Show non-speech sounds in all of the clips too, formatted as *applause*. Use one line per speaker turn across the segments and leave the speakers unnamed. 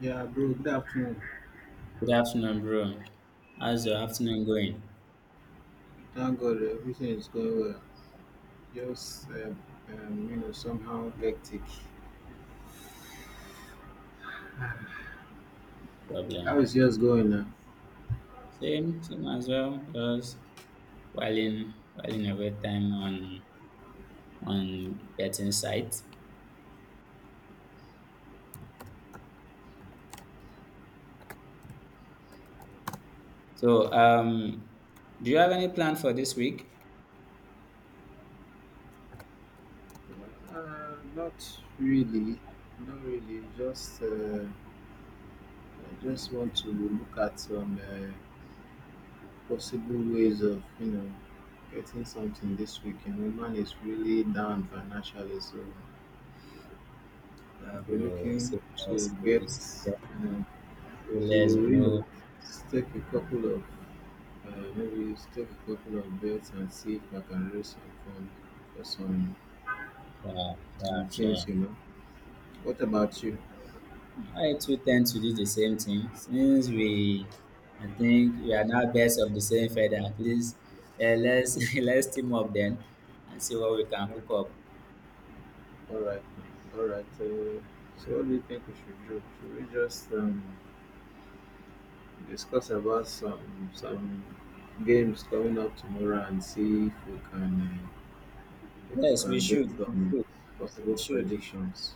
Yeah, bro, good afternoon.
Good afternoon, bro. How's your afternoon going?
Thank God everything is going well. Just, um, Somehow hectic. How
Problem.
is yours going now?
Same as well. Just whiling away time on betting site. So, do you have any plan for this week,
Not really. Not really. I just want to look at some possible ways of, getting something this week. You know, man is really down financially, so we're
bro?
looking
Say
to
less,
get,
bro.
you know,
Say
to,
less,
you
bro.
know, take a couple of I maybe take a couple of bets and see if I can raise some funds for
Sharp,
some
sharp,
teams,
sharp.
you know. What about you?
I too tend to do the same thing I think we are now best of the same feather. At least, let's *laughs* let's team up then and see what we can
Yeah.
cook up.
All right, all right. So what do you think we should do? Should we just discuss about some games coming up tomorrow and see if we
Yes, we
can get
should. We
some
should.
possible
We should.
predictions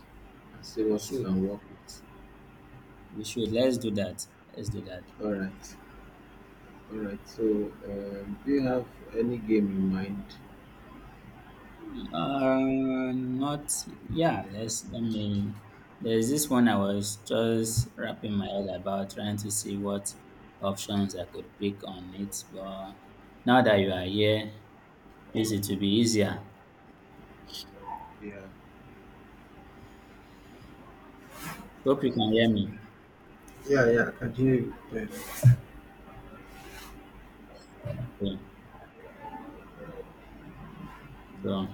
and see
We
what we
should.
can work with.
We should. Let's do that. Let's do that.
All right, all right. So, do you have any game in mind?
Not yeah. Let's. I mean, there's this one I was just wrapping my head about, trying to see what options I could pick on it. But now that you are here, this it will be easier.
Yeah.
Hope you can hear me.
Yeah, yeah, I can you.
Okay. So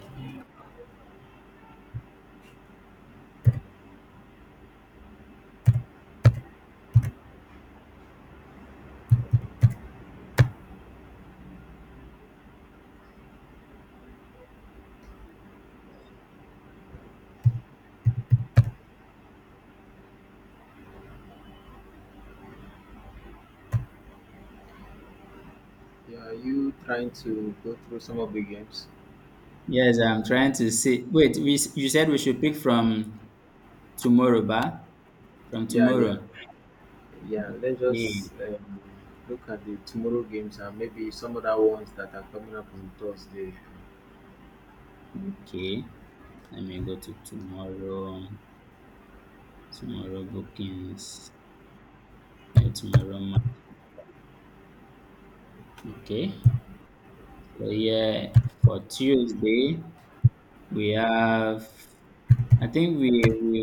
Yeah, are you trying to go through some of the games?
yes, I'm trying to see. Wait, we you said we should pick from tomorrow, ba? From
Yeah, yeah,
tomorrow.
yeah. Let's
Yeah.
just um, look at the tomorrow games and maybe some other ones that are coming up on Thursday.
Okay, let me go to tomorrow, tomorrow bookings, eh, tomorrow. Ma- Okay, so yeah, for Tuesday we have. I think we,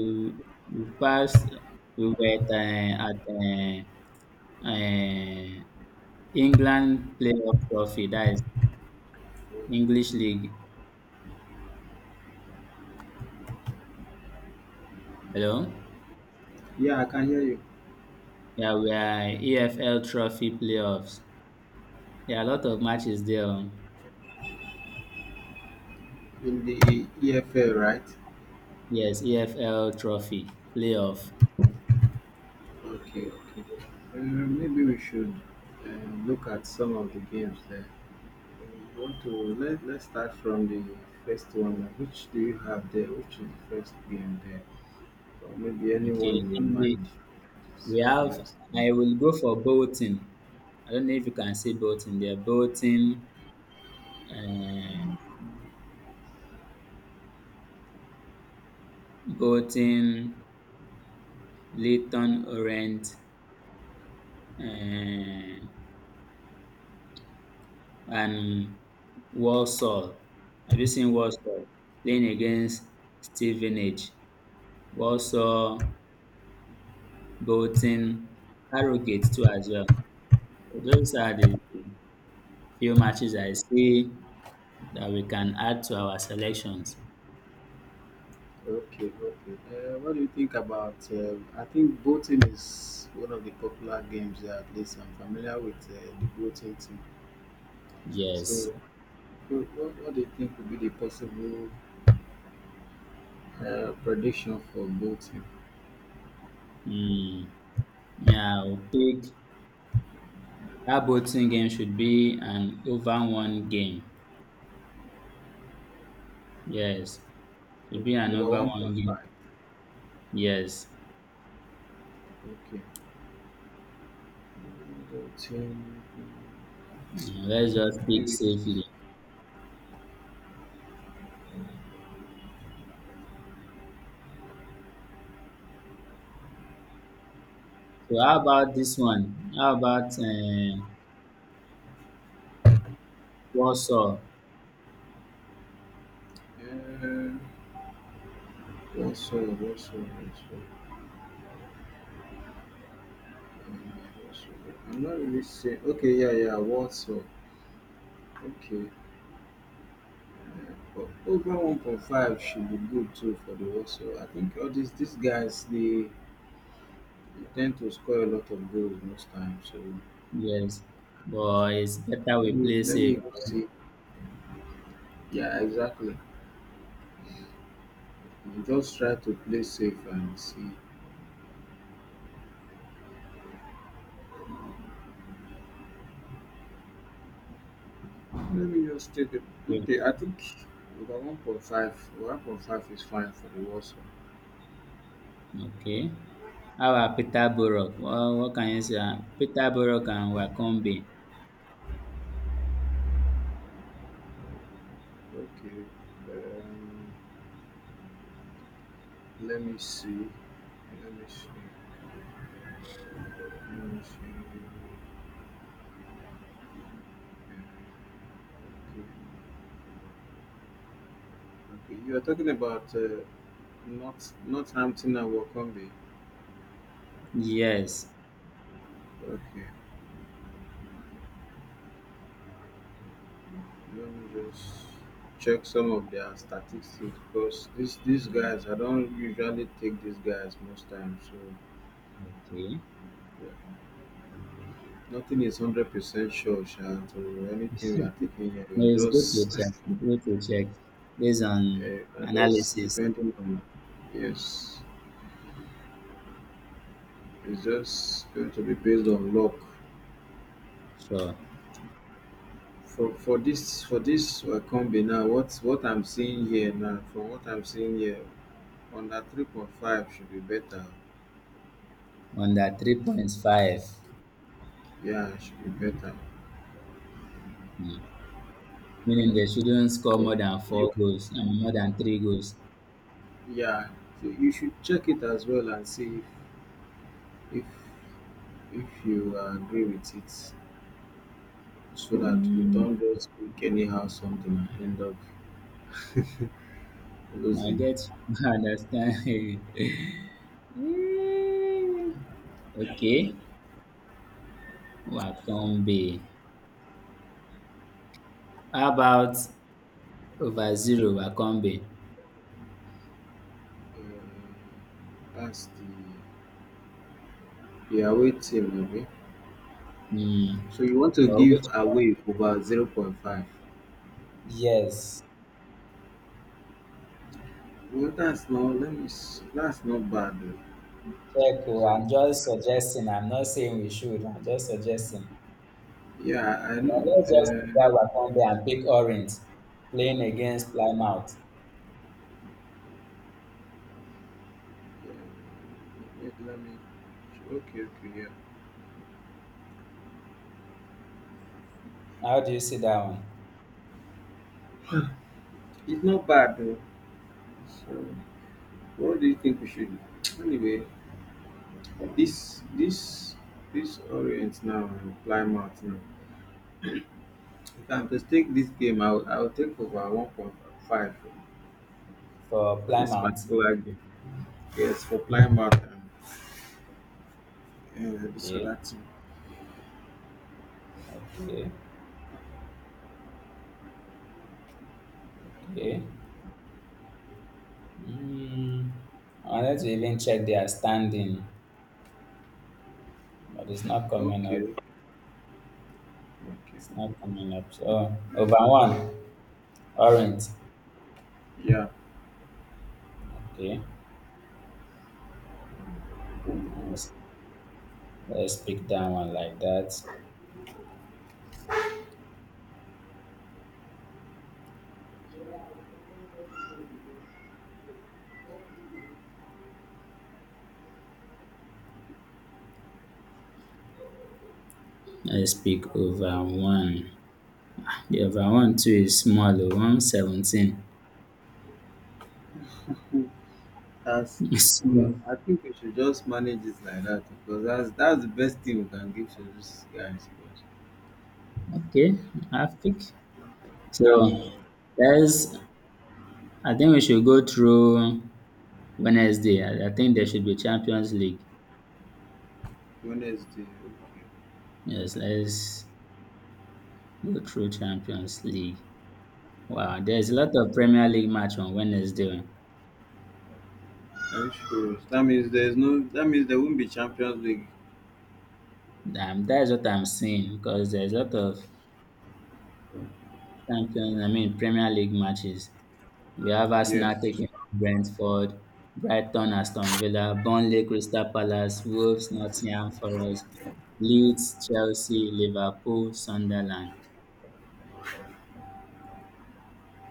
we passed. We were at uh, England playoff trophy. That is English League. Hello.
Yeah, I can hear you
Yeah, we are EFL Trophy playoffs. There are a lot of matches there. Oh.
in the EFL, right?
Yes, EFL Trophy playoff.
Okay, okay. Maybe we should look at some of the games there. Uh, want to Let's start from the first one. Which do you have there? Which is the first game there? Or maybe anyone
Okay,
in your
and
mind. So,
we have
yes.
I will go for Bolton. I don't know if you can see Bolton there. Bolton, uh, Bolton, Leighton Orient, uh, and Walsall. Have you seen Walsall playing against Stevenage? Walsall, Bolton, Harrogate too as well. Those are the few matches I see that we can add to our selections.
Okay, okay. What do you think about? I think boating is one of the popular games that at least I'm familiar with the boating team. So,
Yes.
wh- what do you think would be the possible prediction for boating?
Mm, yeah, I'll pick that boxing game should be an over one game. Yes, should be
O-
an
Over
over one game.
1.5.
Yes,
Okay. Boating.
You let's just pick
Maybe.
safely. So how about this one? How about Warsaw?
Uh, Warsaw. um, Warsaw. I'm not really saying. Okay, yeah, yeah, Warsaw. Okay, but over 1.5 should be good too for the Warsaw. I think all these guys they tend to score a lot of goals most times. So
Yes, but it's better
and let
we
me
play
let me
safe.
even see. Yeah, exactly. You just try to play safe and see. Let me just take it.
Okay.
Okay, I think over 1.5 is fine for the Warsaw.
Okay. How about Peterborough? Well, what can you say? Peterborough and Wakombe.
Okay, um, let me see. Let me see. Let me see. Okay, okay. You are talking about. Not Northampton and Wycombe.
Yes.
Okay, let me just check some of their statistics because these guys I don't usually take these guys most times. So
Okay.
yeah, nothing is 100% sure, Sha. So anything we are taking
*laughs*
here, we
No,
are
it's good to
just *laughs*
check. It's good to check based
we
on
are just
analysis.
depending on yes. It's just going to be based on luck.
Sure.
For this for this Wycombe now, what I'm seeing here now, from what I'm seeing here, under 3.5 should be better.
On that 3.5,
Yeah, should be better.
mm, meaning they shouldn't score more than
You,
four goals and more than three goals.
yeah, so you should check it as well and see if if you agree with it, so that you
Mm,
don't just pick anyhow something and end up
I
losing.
get you. *laughs* I understand. *laughs* Okay. Wakombe. How about over zero Wakombe?
Uh, that's the away team, maybe.
Mm.
So you want to
Or
give
which?
away over zero point 0.5.
Yes.
Well, that's not. Let me. S- That's not bad.
Check. Oh,
Though.
I'm just suggesting. I'm not saying we should. I'm just suggesting.
Yeah, I know.
Let's just put that Wakonde and pick orange playing against Plymouth.
Islamic. Okay, okay, yeah.
How do you see that one
It's not bad though. So, what do you think we should? Anyway, this this this Orient now, and Plymouth now. If I'm to take this game, I'll take over 1.5
for
for this
Plymouth?
particular game. Yes, for Plymouth and this
Okay,
other team.
okay, okay. Mm, I wanted to even check their standing, but it's not coming up.
Okay, okay,
It's not coming up. So over one, Orange.
yeah.
Okay, let's, let's pick that one like that. Let's pick over one. The over one too is small, oh, 1.17.
That's
*laughs*
well,
Small.
I think we should just manage it like that because that's the best thing we can give to these guys.
Okay, I think so. There's, I think we should go through Wednesday. I think there should be Champions League.
Wednesday. Okay.
Yes, let's go through Champions League. Wow, there's a lot of Premier League match on Wednesday.
Are you sure? That means there's no. That means there won't be Champions League.
That's what I'm seeing because there's a lot of Champions, I mean Premier League matches. We have
Yes.
Arsenal taking on Brentford, Brighton, Aston Villa, Burnley, Crystal Palace, Wolves, Nottingham Forest, Leeds, Chelsea, Liverpool, Sunderland.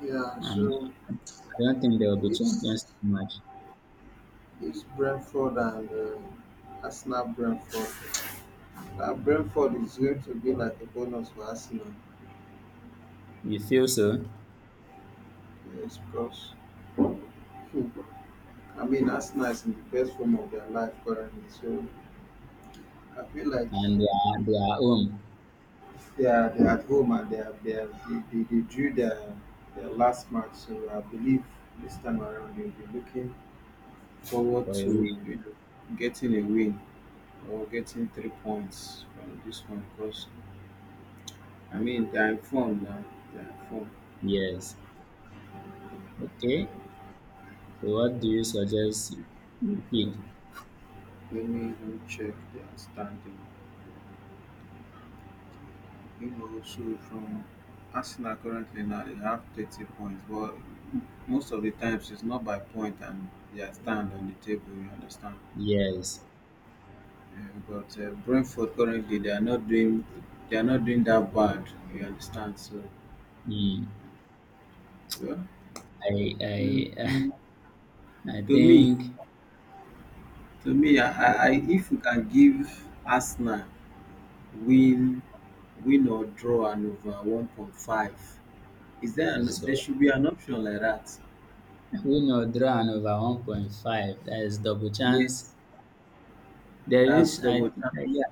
Yeah,
And
so
I don't think there will be Champions
this
League match.
this Brentford and Arsenal Brentford. Now Brentford is going to be like a bonus for Arsenal.
You feel so?
Yes, because I mean Arsenal is in the best form of their life currently. So I feel like
And they are home
they are at home and they are they are, they drew their last match. So I believe this time around they'll be looking forward
for a
to
week.
you know, getting a win or getting 3 points from this one because I mean they're informed, now. They're informed.
Yes. Okay. So what do you suggest you pick?
But let me even check their standing. You know, so from Arsenal currently now they have 30 points, but most of the times it's not by point and they are stand on the table. You understand?
Yes.
Yeah, but Brentford currently they are not doing they are not doing that bad. You understand? So
Hmm.
yeah. Mm,
I
mm.
*laughs* I
to me
think
To me, if we can give Arsenal win, win or draw and over 1.5,
so.
there should be an option like that?
We Winner draw and over 1.5. That is double chance.
Yes,
There
that's
is, I
double
think,
chance
yeah,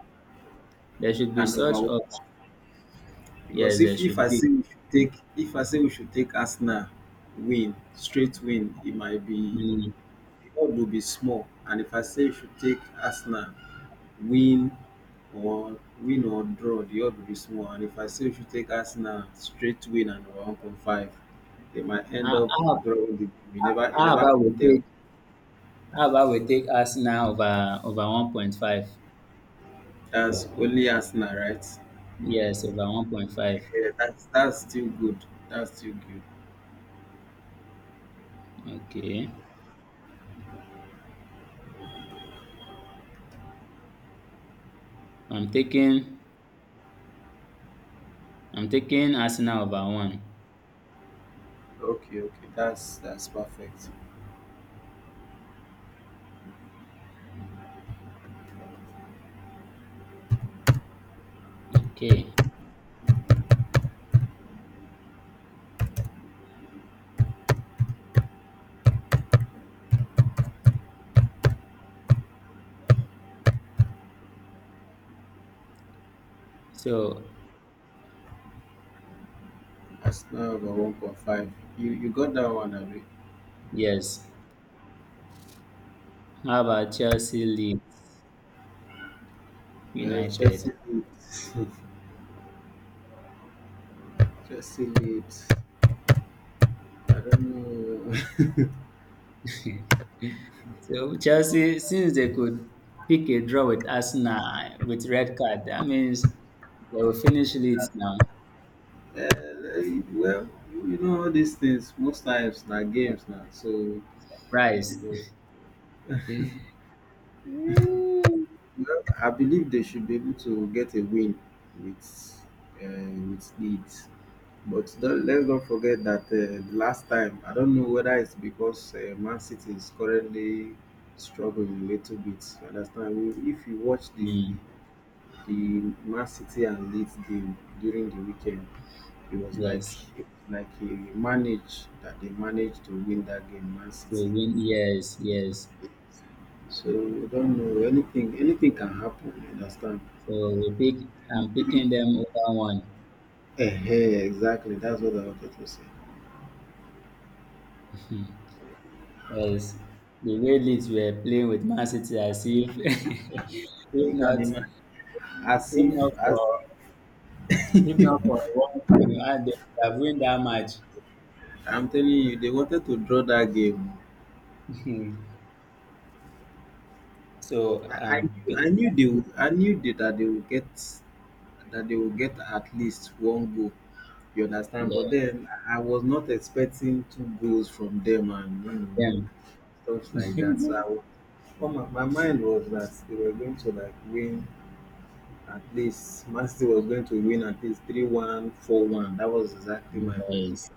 there should be
and
such
over one.
option.
Because
Yes, there
if
should
I
be.
say we should take if I say we should take Arsenal win straight win, it might be
Mm.
the odds will be small. And if I say we should take Arsenal win win or draw, the odds will be small. And if I say if you take Arsenal straight win and over 1.5, they might end
How,
up
how,
drawing the game. You never you
how
never
about
can
we
tell.
take how about we take Arsenal over 1.5?
That's only Arsenal, right?
Yes, over 1.5.
Yeah, that's still good. that's still good
Okay. I'm taking I'm taking Arsenal over one.
okay, that's perfect.
Okay. So
Arsenal over 1.5. You got that one, abi?
yes. How about Chelsea Leeds
Uh,
United?
chelsea leeds *laughs* Chelsea Leeds, I don't know. *laughs*
*laughs* So Chelsea, since they could pick a draw with Arsenal with red card, that means they will finish Leeds now.
Uh, well, you know, all these things. Most times, now games now. So you
Rice.
know,
Mm,
well, I believe they should be able to get a win with with Leeds. But don't, let's not forget that the last time, I don't know whether it's because Man City is currently struggling a little bit. You understand? If you watch
*laughs*
the Man City and Leeds game during the weekend. It was like
yes.
it was like he managed that they managed to win that game, Man
To
City.
win, yes, yes.
So I don't know anything. Anything can happen. You understand?
So we pick. I'm picking them over one.
Eh? Exactly. That's what I wanted to say.
*laughs* Yes, the way Leeds were playing with Man City, as if, *laughs* if
You can
not,
imagine as
if
if
not for,
as
if not for one thing, and they would have win that match.
I'm telling you, they wanted to draw that game.
*laughs* So
I knew they would, that they would get at least one goal. You understand? But
yes,
then I was not expecting two goals from them and you know
yeah.
stuff like that.
*laughs*
Well, my mind was that they were going to like win at least Man City was going to win at least 3-1, 4-1. That was exactly my prediction.
Yes.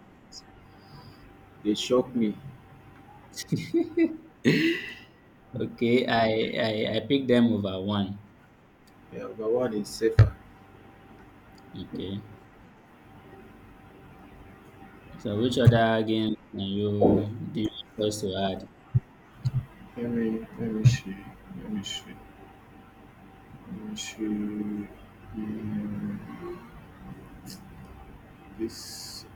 They shocked me.
*laughs* Okay, I picked them over one.
Yeah, but one is safer.
Okay. So which other games can you do you want us to add?
Let me see. Let me see. Let me see. Mm, this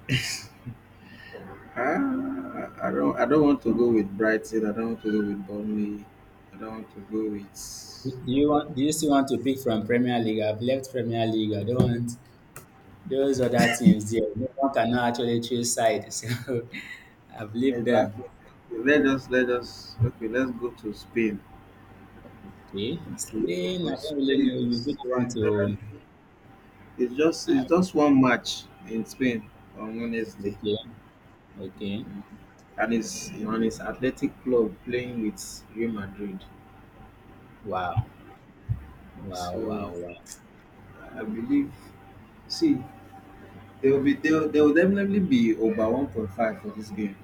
Ah, I I don't want to go with Brighton. I don't want to go with Burnley. I don't want to go with
Do you still want to pick from Premier League? I've left Premier League. I don't want those other teams there. No one cannot actually choose side. *laughs* So I've left them.
exactly. Let us okay. Let's go to Spain.
Okay. Spain, I don't really know. You really
Spain
want
there are-
to
it's just
I-
it's just one match in Spain on Wednesday,
okay. Okay.
and it's on his Athletic Club playing with Real Madrid.
Wow. Wow,
So
wow, wow.
I believe see there will there will definitely be over 1.5 for this game.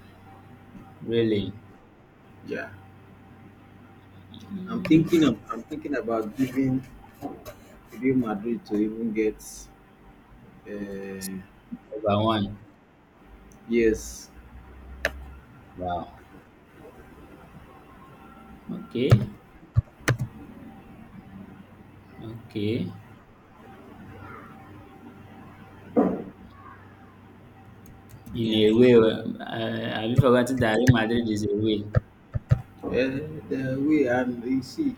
Really?
Yeah,
Mm,
I'm thinking about giving Real Madrid to even get uh,
number one.
yes.
Wow. Okay. Okay. In a way, well, have you forgotten that Real Madrid is away?
uh, the way and you see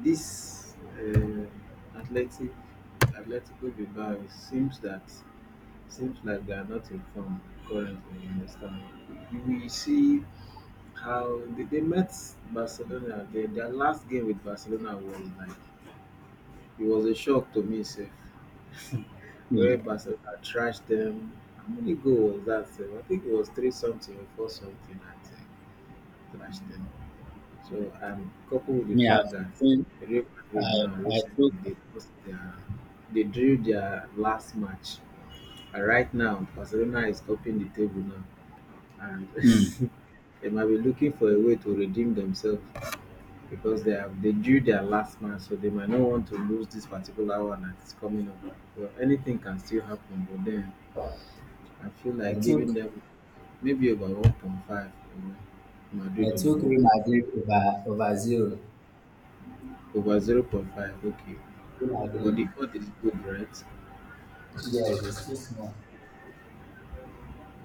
this athletic Atletico Bilbao, it seems like they are not in form currently. You understand? You will see how they met Barcelona. Their last game with Barcelona was like it was a shock to me. Sef, where
Hmm.
Barcelona thrashed them. How many goal was that? Sef? I think it was three something or four something that thrashed them. So coupled with the
Me, I've
fact that
taken,
Real Madrid
I,
now
I
recently
took,
they lost their they drew their last match. And right now Barcelona is topping the table now and
hmm,
*laughs* they might be looking for a way to redeem themselves because they drew their last match, so they might not want to lose this particular one that's coming up. Well, anything can still happen, but then I feel
I
like giving
took,
them maybe over 1.5, you know,
I
Madrid over
took
1,
Real Madrid over zero.
over zero point 0.5, okay.
Real
But the
Madrid.
fourth is good, right?
Yes, it's too small.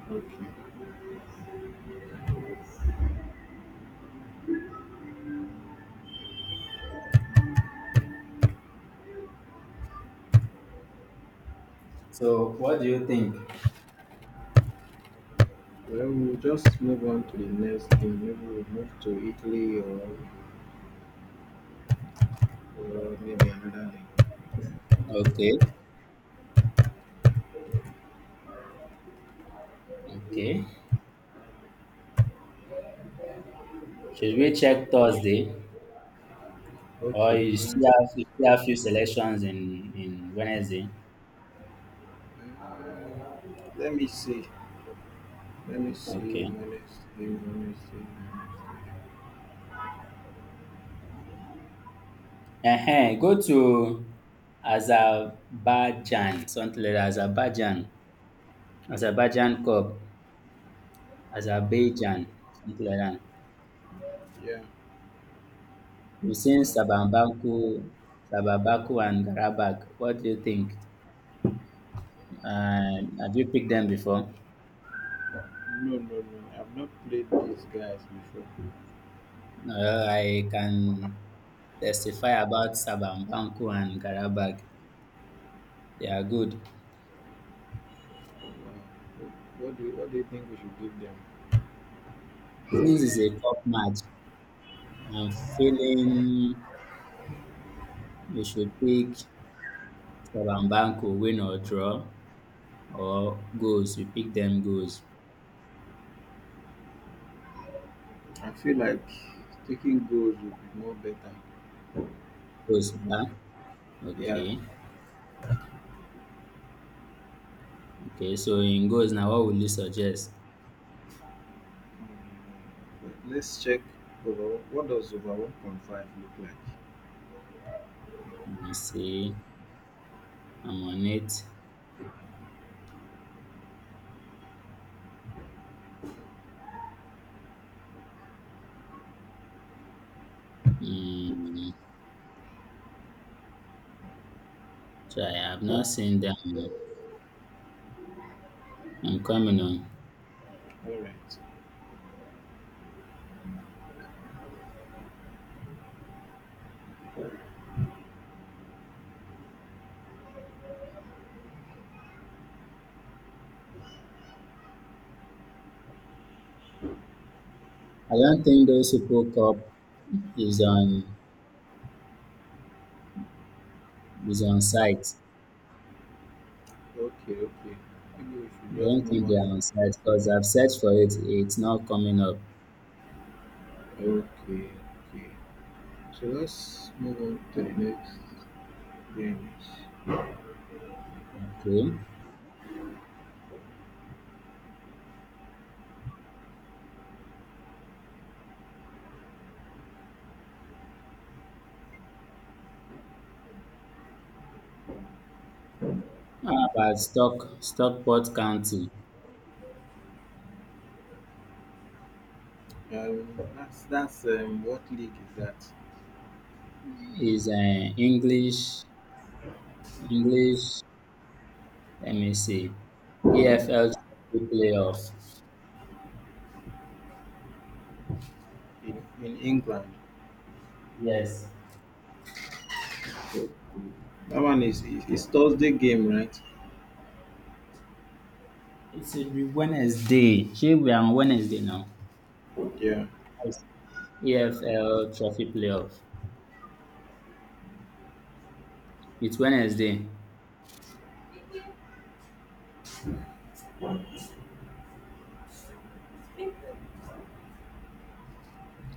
Okay.
So, what do you think?
Well, we'll just move on to the next thing. Maybe we'll move to Italy, or maybe another thing.
Okay. Okay. Should we check Thursday, or
Okay.
you still have few selections in Wednesday?
Um, let me see. Let me see.
Okay.
Let me see. Let me see.
Go to Azerbaijan, something like that. Azerbaijan, Azerbaijan cup, Azerbaijan, something like that.
Yeah.
We seen
uh,
Shabambaku, Sharbabaku and Karabakh, what do you think? Have you picked them before?
No, no, no. I've not played these guys before.
Well, I can testify about Shabambaku and Karabakh, they are good.
Wow. What do you think we should give them?
Since it's a cup match, I'm feeling we should pick Shabambaku win or draw, or goals. You pick them goals.
I feel like taking goals would be more better.
Goals, yeah?
Yeah.
Okay. Okay. So in goals now, what will you suggest?
But let's check overall. What does over 1.5 look like?
Let me see. I'm on it. Hmm. Try. I've not seen them yet. I'm coming on.
All right.
I don't think those people cup is on is on site.
Okay, okay. Maybe we should
I
just
don't
move
think
on.
they are on site because I've searched for it. It's not coming up.
Okay, okay. So let's move on to the next game.
Okay. How about Stockport County
That's What league is that
is English English let me see. EFL Trophy playoff.
in England?
Yes.
That one is Thursday game, right?
It's a Wednesday. Here we are on Wednesday now.
Yeah.
Yes. EFL Trophy playoff. It's Wednesday.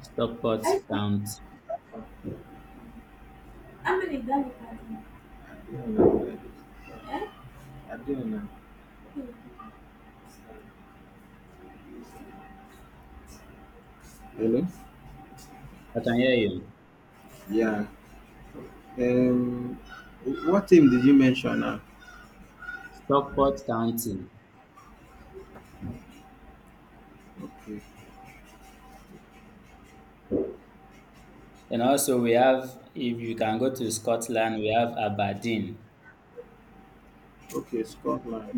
Stockport County.
Ama ni gani kazi? Eh? I don't know. Hmm. Hello?
I can hear you.
Yeah. Um. What team did you mention now?
Stockport County.
Okay.
And also we have, if you can go to Scotland, we have Aberdeen.
Okay, Scotland.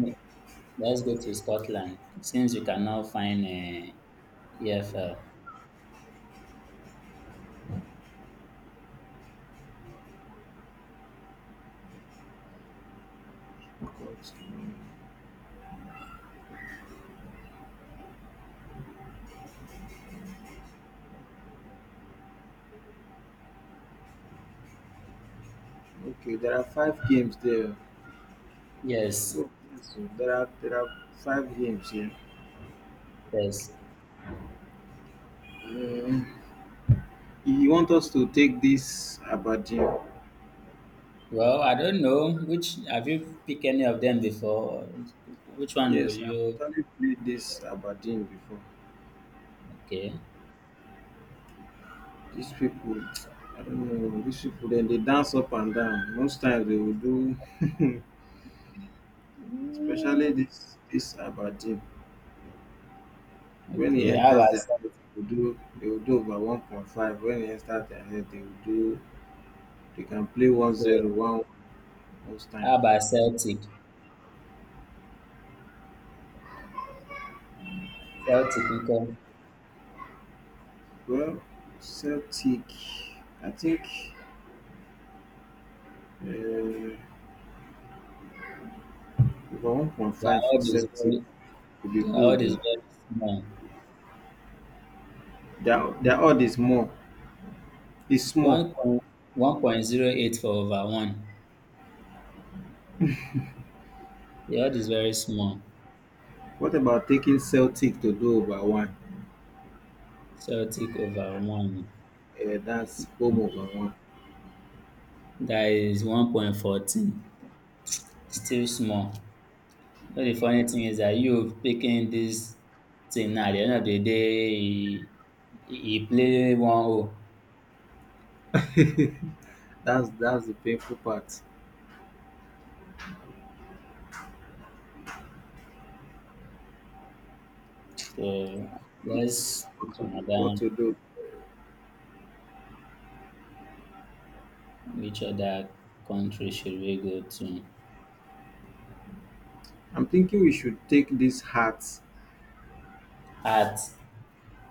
Let's go to Scotland since you cannot find EFL.
Scotland. Okay, there are five games there.
Yes.
Oh, yes, so there are five games here.
Yes.
Um, you want us to take this Aberdeen?
Well, I don't know, which have you picked any of them before? Which one will
Yes, I've
you?
actually played this Aberdeen before.
Okay,
Dis pipu I no know dis pipu dem dey dance up and down most times dey go do *laughs* especially dis Abadeen wen e
okay. How
enters
about
dia head dey go do over 1.5 wen e enter dia head dey go do dey can play one zero
Celtic?
one most
How
times.
about Celtic? Celtic, okay.
Well, Celtic I think um over one point
They are
five for
all this
Celtic
very,
go be
they are all
good
this
oo.
very small.
Dia odd is more, is small.
1.1 point 08 for over one. They are all this very small.
What about taking Celtic to do over one?
Celtic over one.
Yeah, that's one.
That is 1.14. Still small. You know the funny thing is that you picking this thing now, at the end of the day, he played one role.
That's the painful part.
So
It's
let's pick
what to do- what
another,
to do.
which other country should we go to?
I'm thinking we should take these hats.
Art,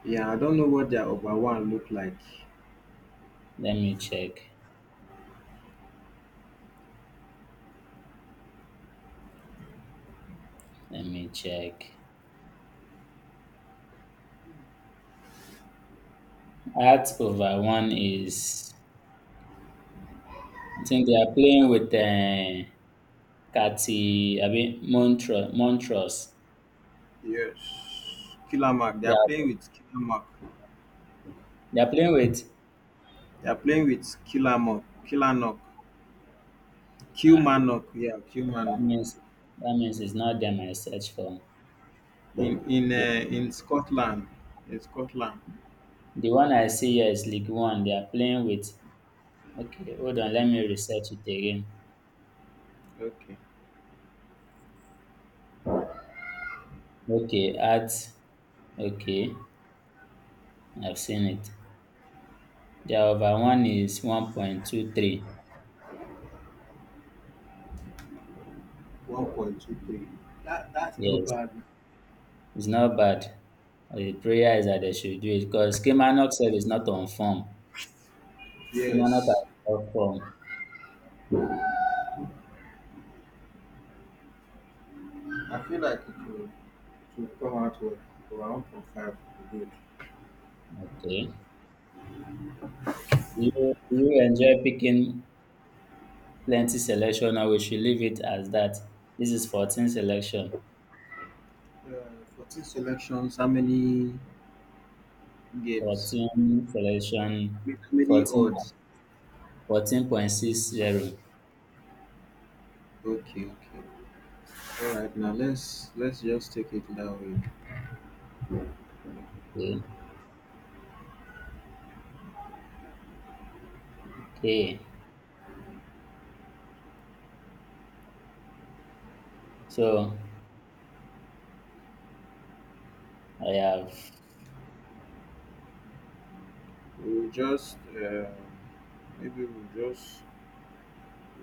Yeah, I don't know what their over one look like.
let me check. Let me check. Art over one is, I think they are playing with Cathy, I mean, Montrose. Montrose.
Yes, Killer Mark. They
They
are
are,
playing with Killer Mark.
they are playing
They are playing with Killer Mark. Killer Knock. Q
ah,
Manock. Yeah, Q
that
Manock.
means, that means it's not them I search for.
In
The
in Scotland. In Scotland.
The one I see here is League One. They are playing with. Okay, hold on. Let me research it again.
Okay.
Okay, at. Okay, I've seen it. The over one is 1.23.
1.23. That that's not
Yes,
bad.
it's not bad. The prayer is that they should do it because Kilmarnock self is not on form. Kilmarnock has
Yes.
not form.
I feel like it will super hard work. Around from five, to good.
Okay. You enjoy picking plenty selection, or we should leave it as that. This is 14 selection.
14 selections, how many games?
14 selection.
With how many
14
odds?
14.60.
Okay, okay. All right, now let's just take it that way.
Okay. Okay. So I have
We'll just maybe we'll just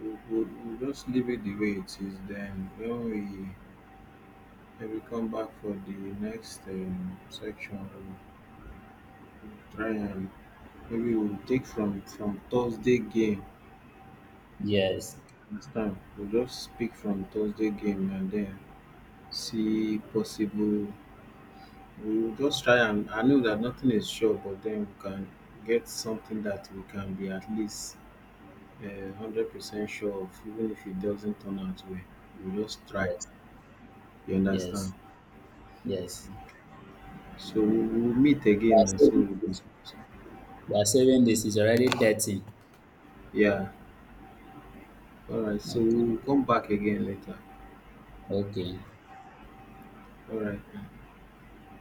we'll just leave it the way it is. Then when we come back for the next section, we'll try and maybe we'll take from Thursday game.
yes,
Understand? We'll just speak from Thursday game and then see possible. We'll just try, and I know that nothing is sure, but then we can get something that we can be at least uh, 100% sure of. Even if it doesn't turn out well, we just try,
yes,
you understand.
yes, yes.
So we'll meet
You
again,
are
and so
saving
we'll
this.
discuss.
You are saving this. It's already 13.
Yeah, all right, so
Okay.
we'll come back again later.
Okay.
All right.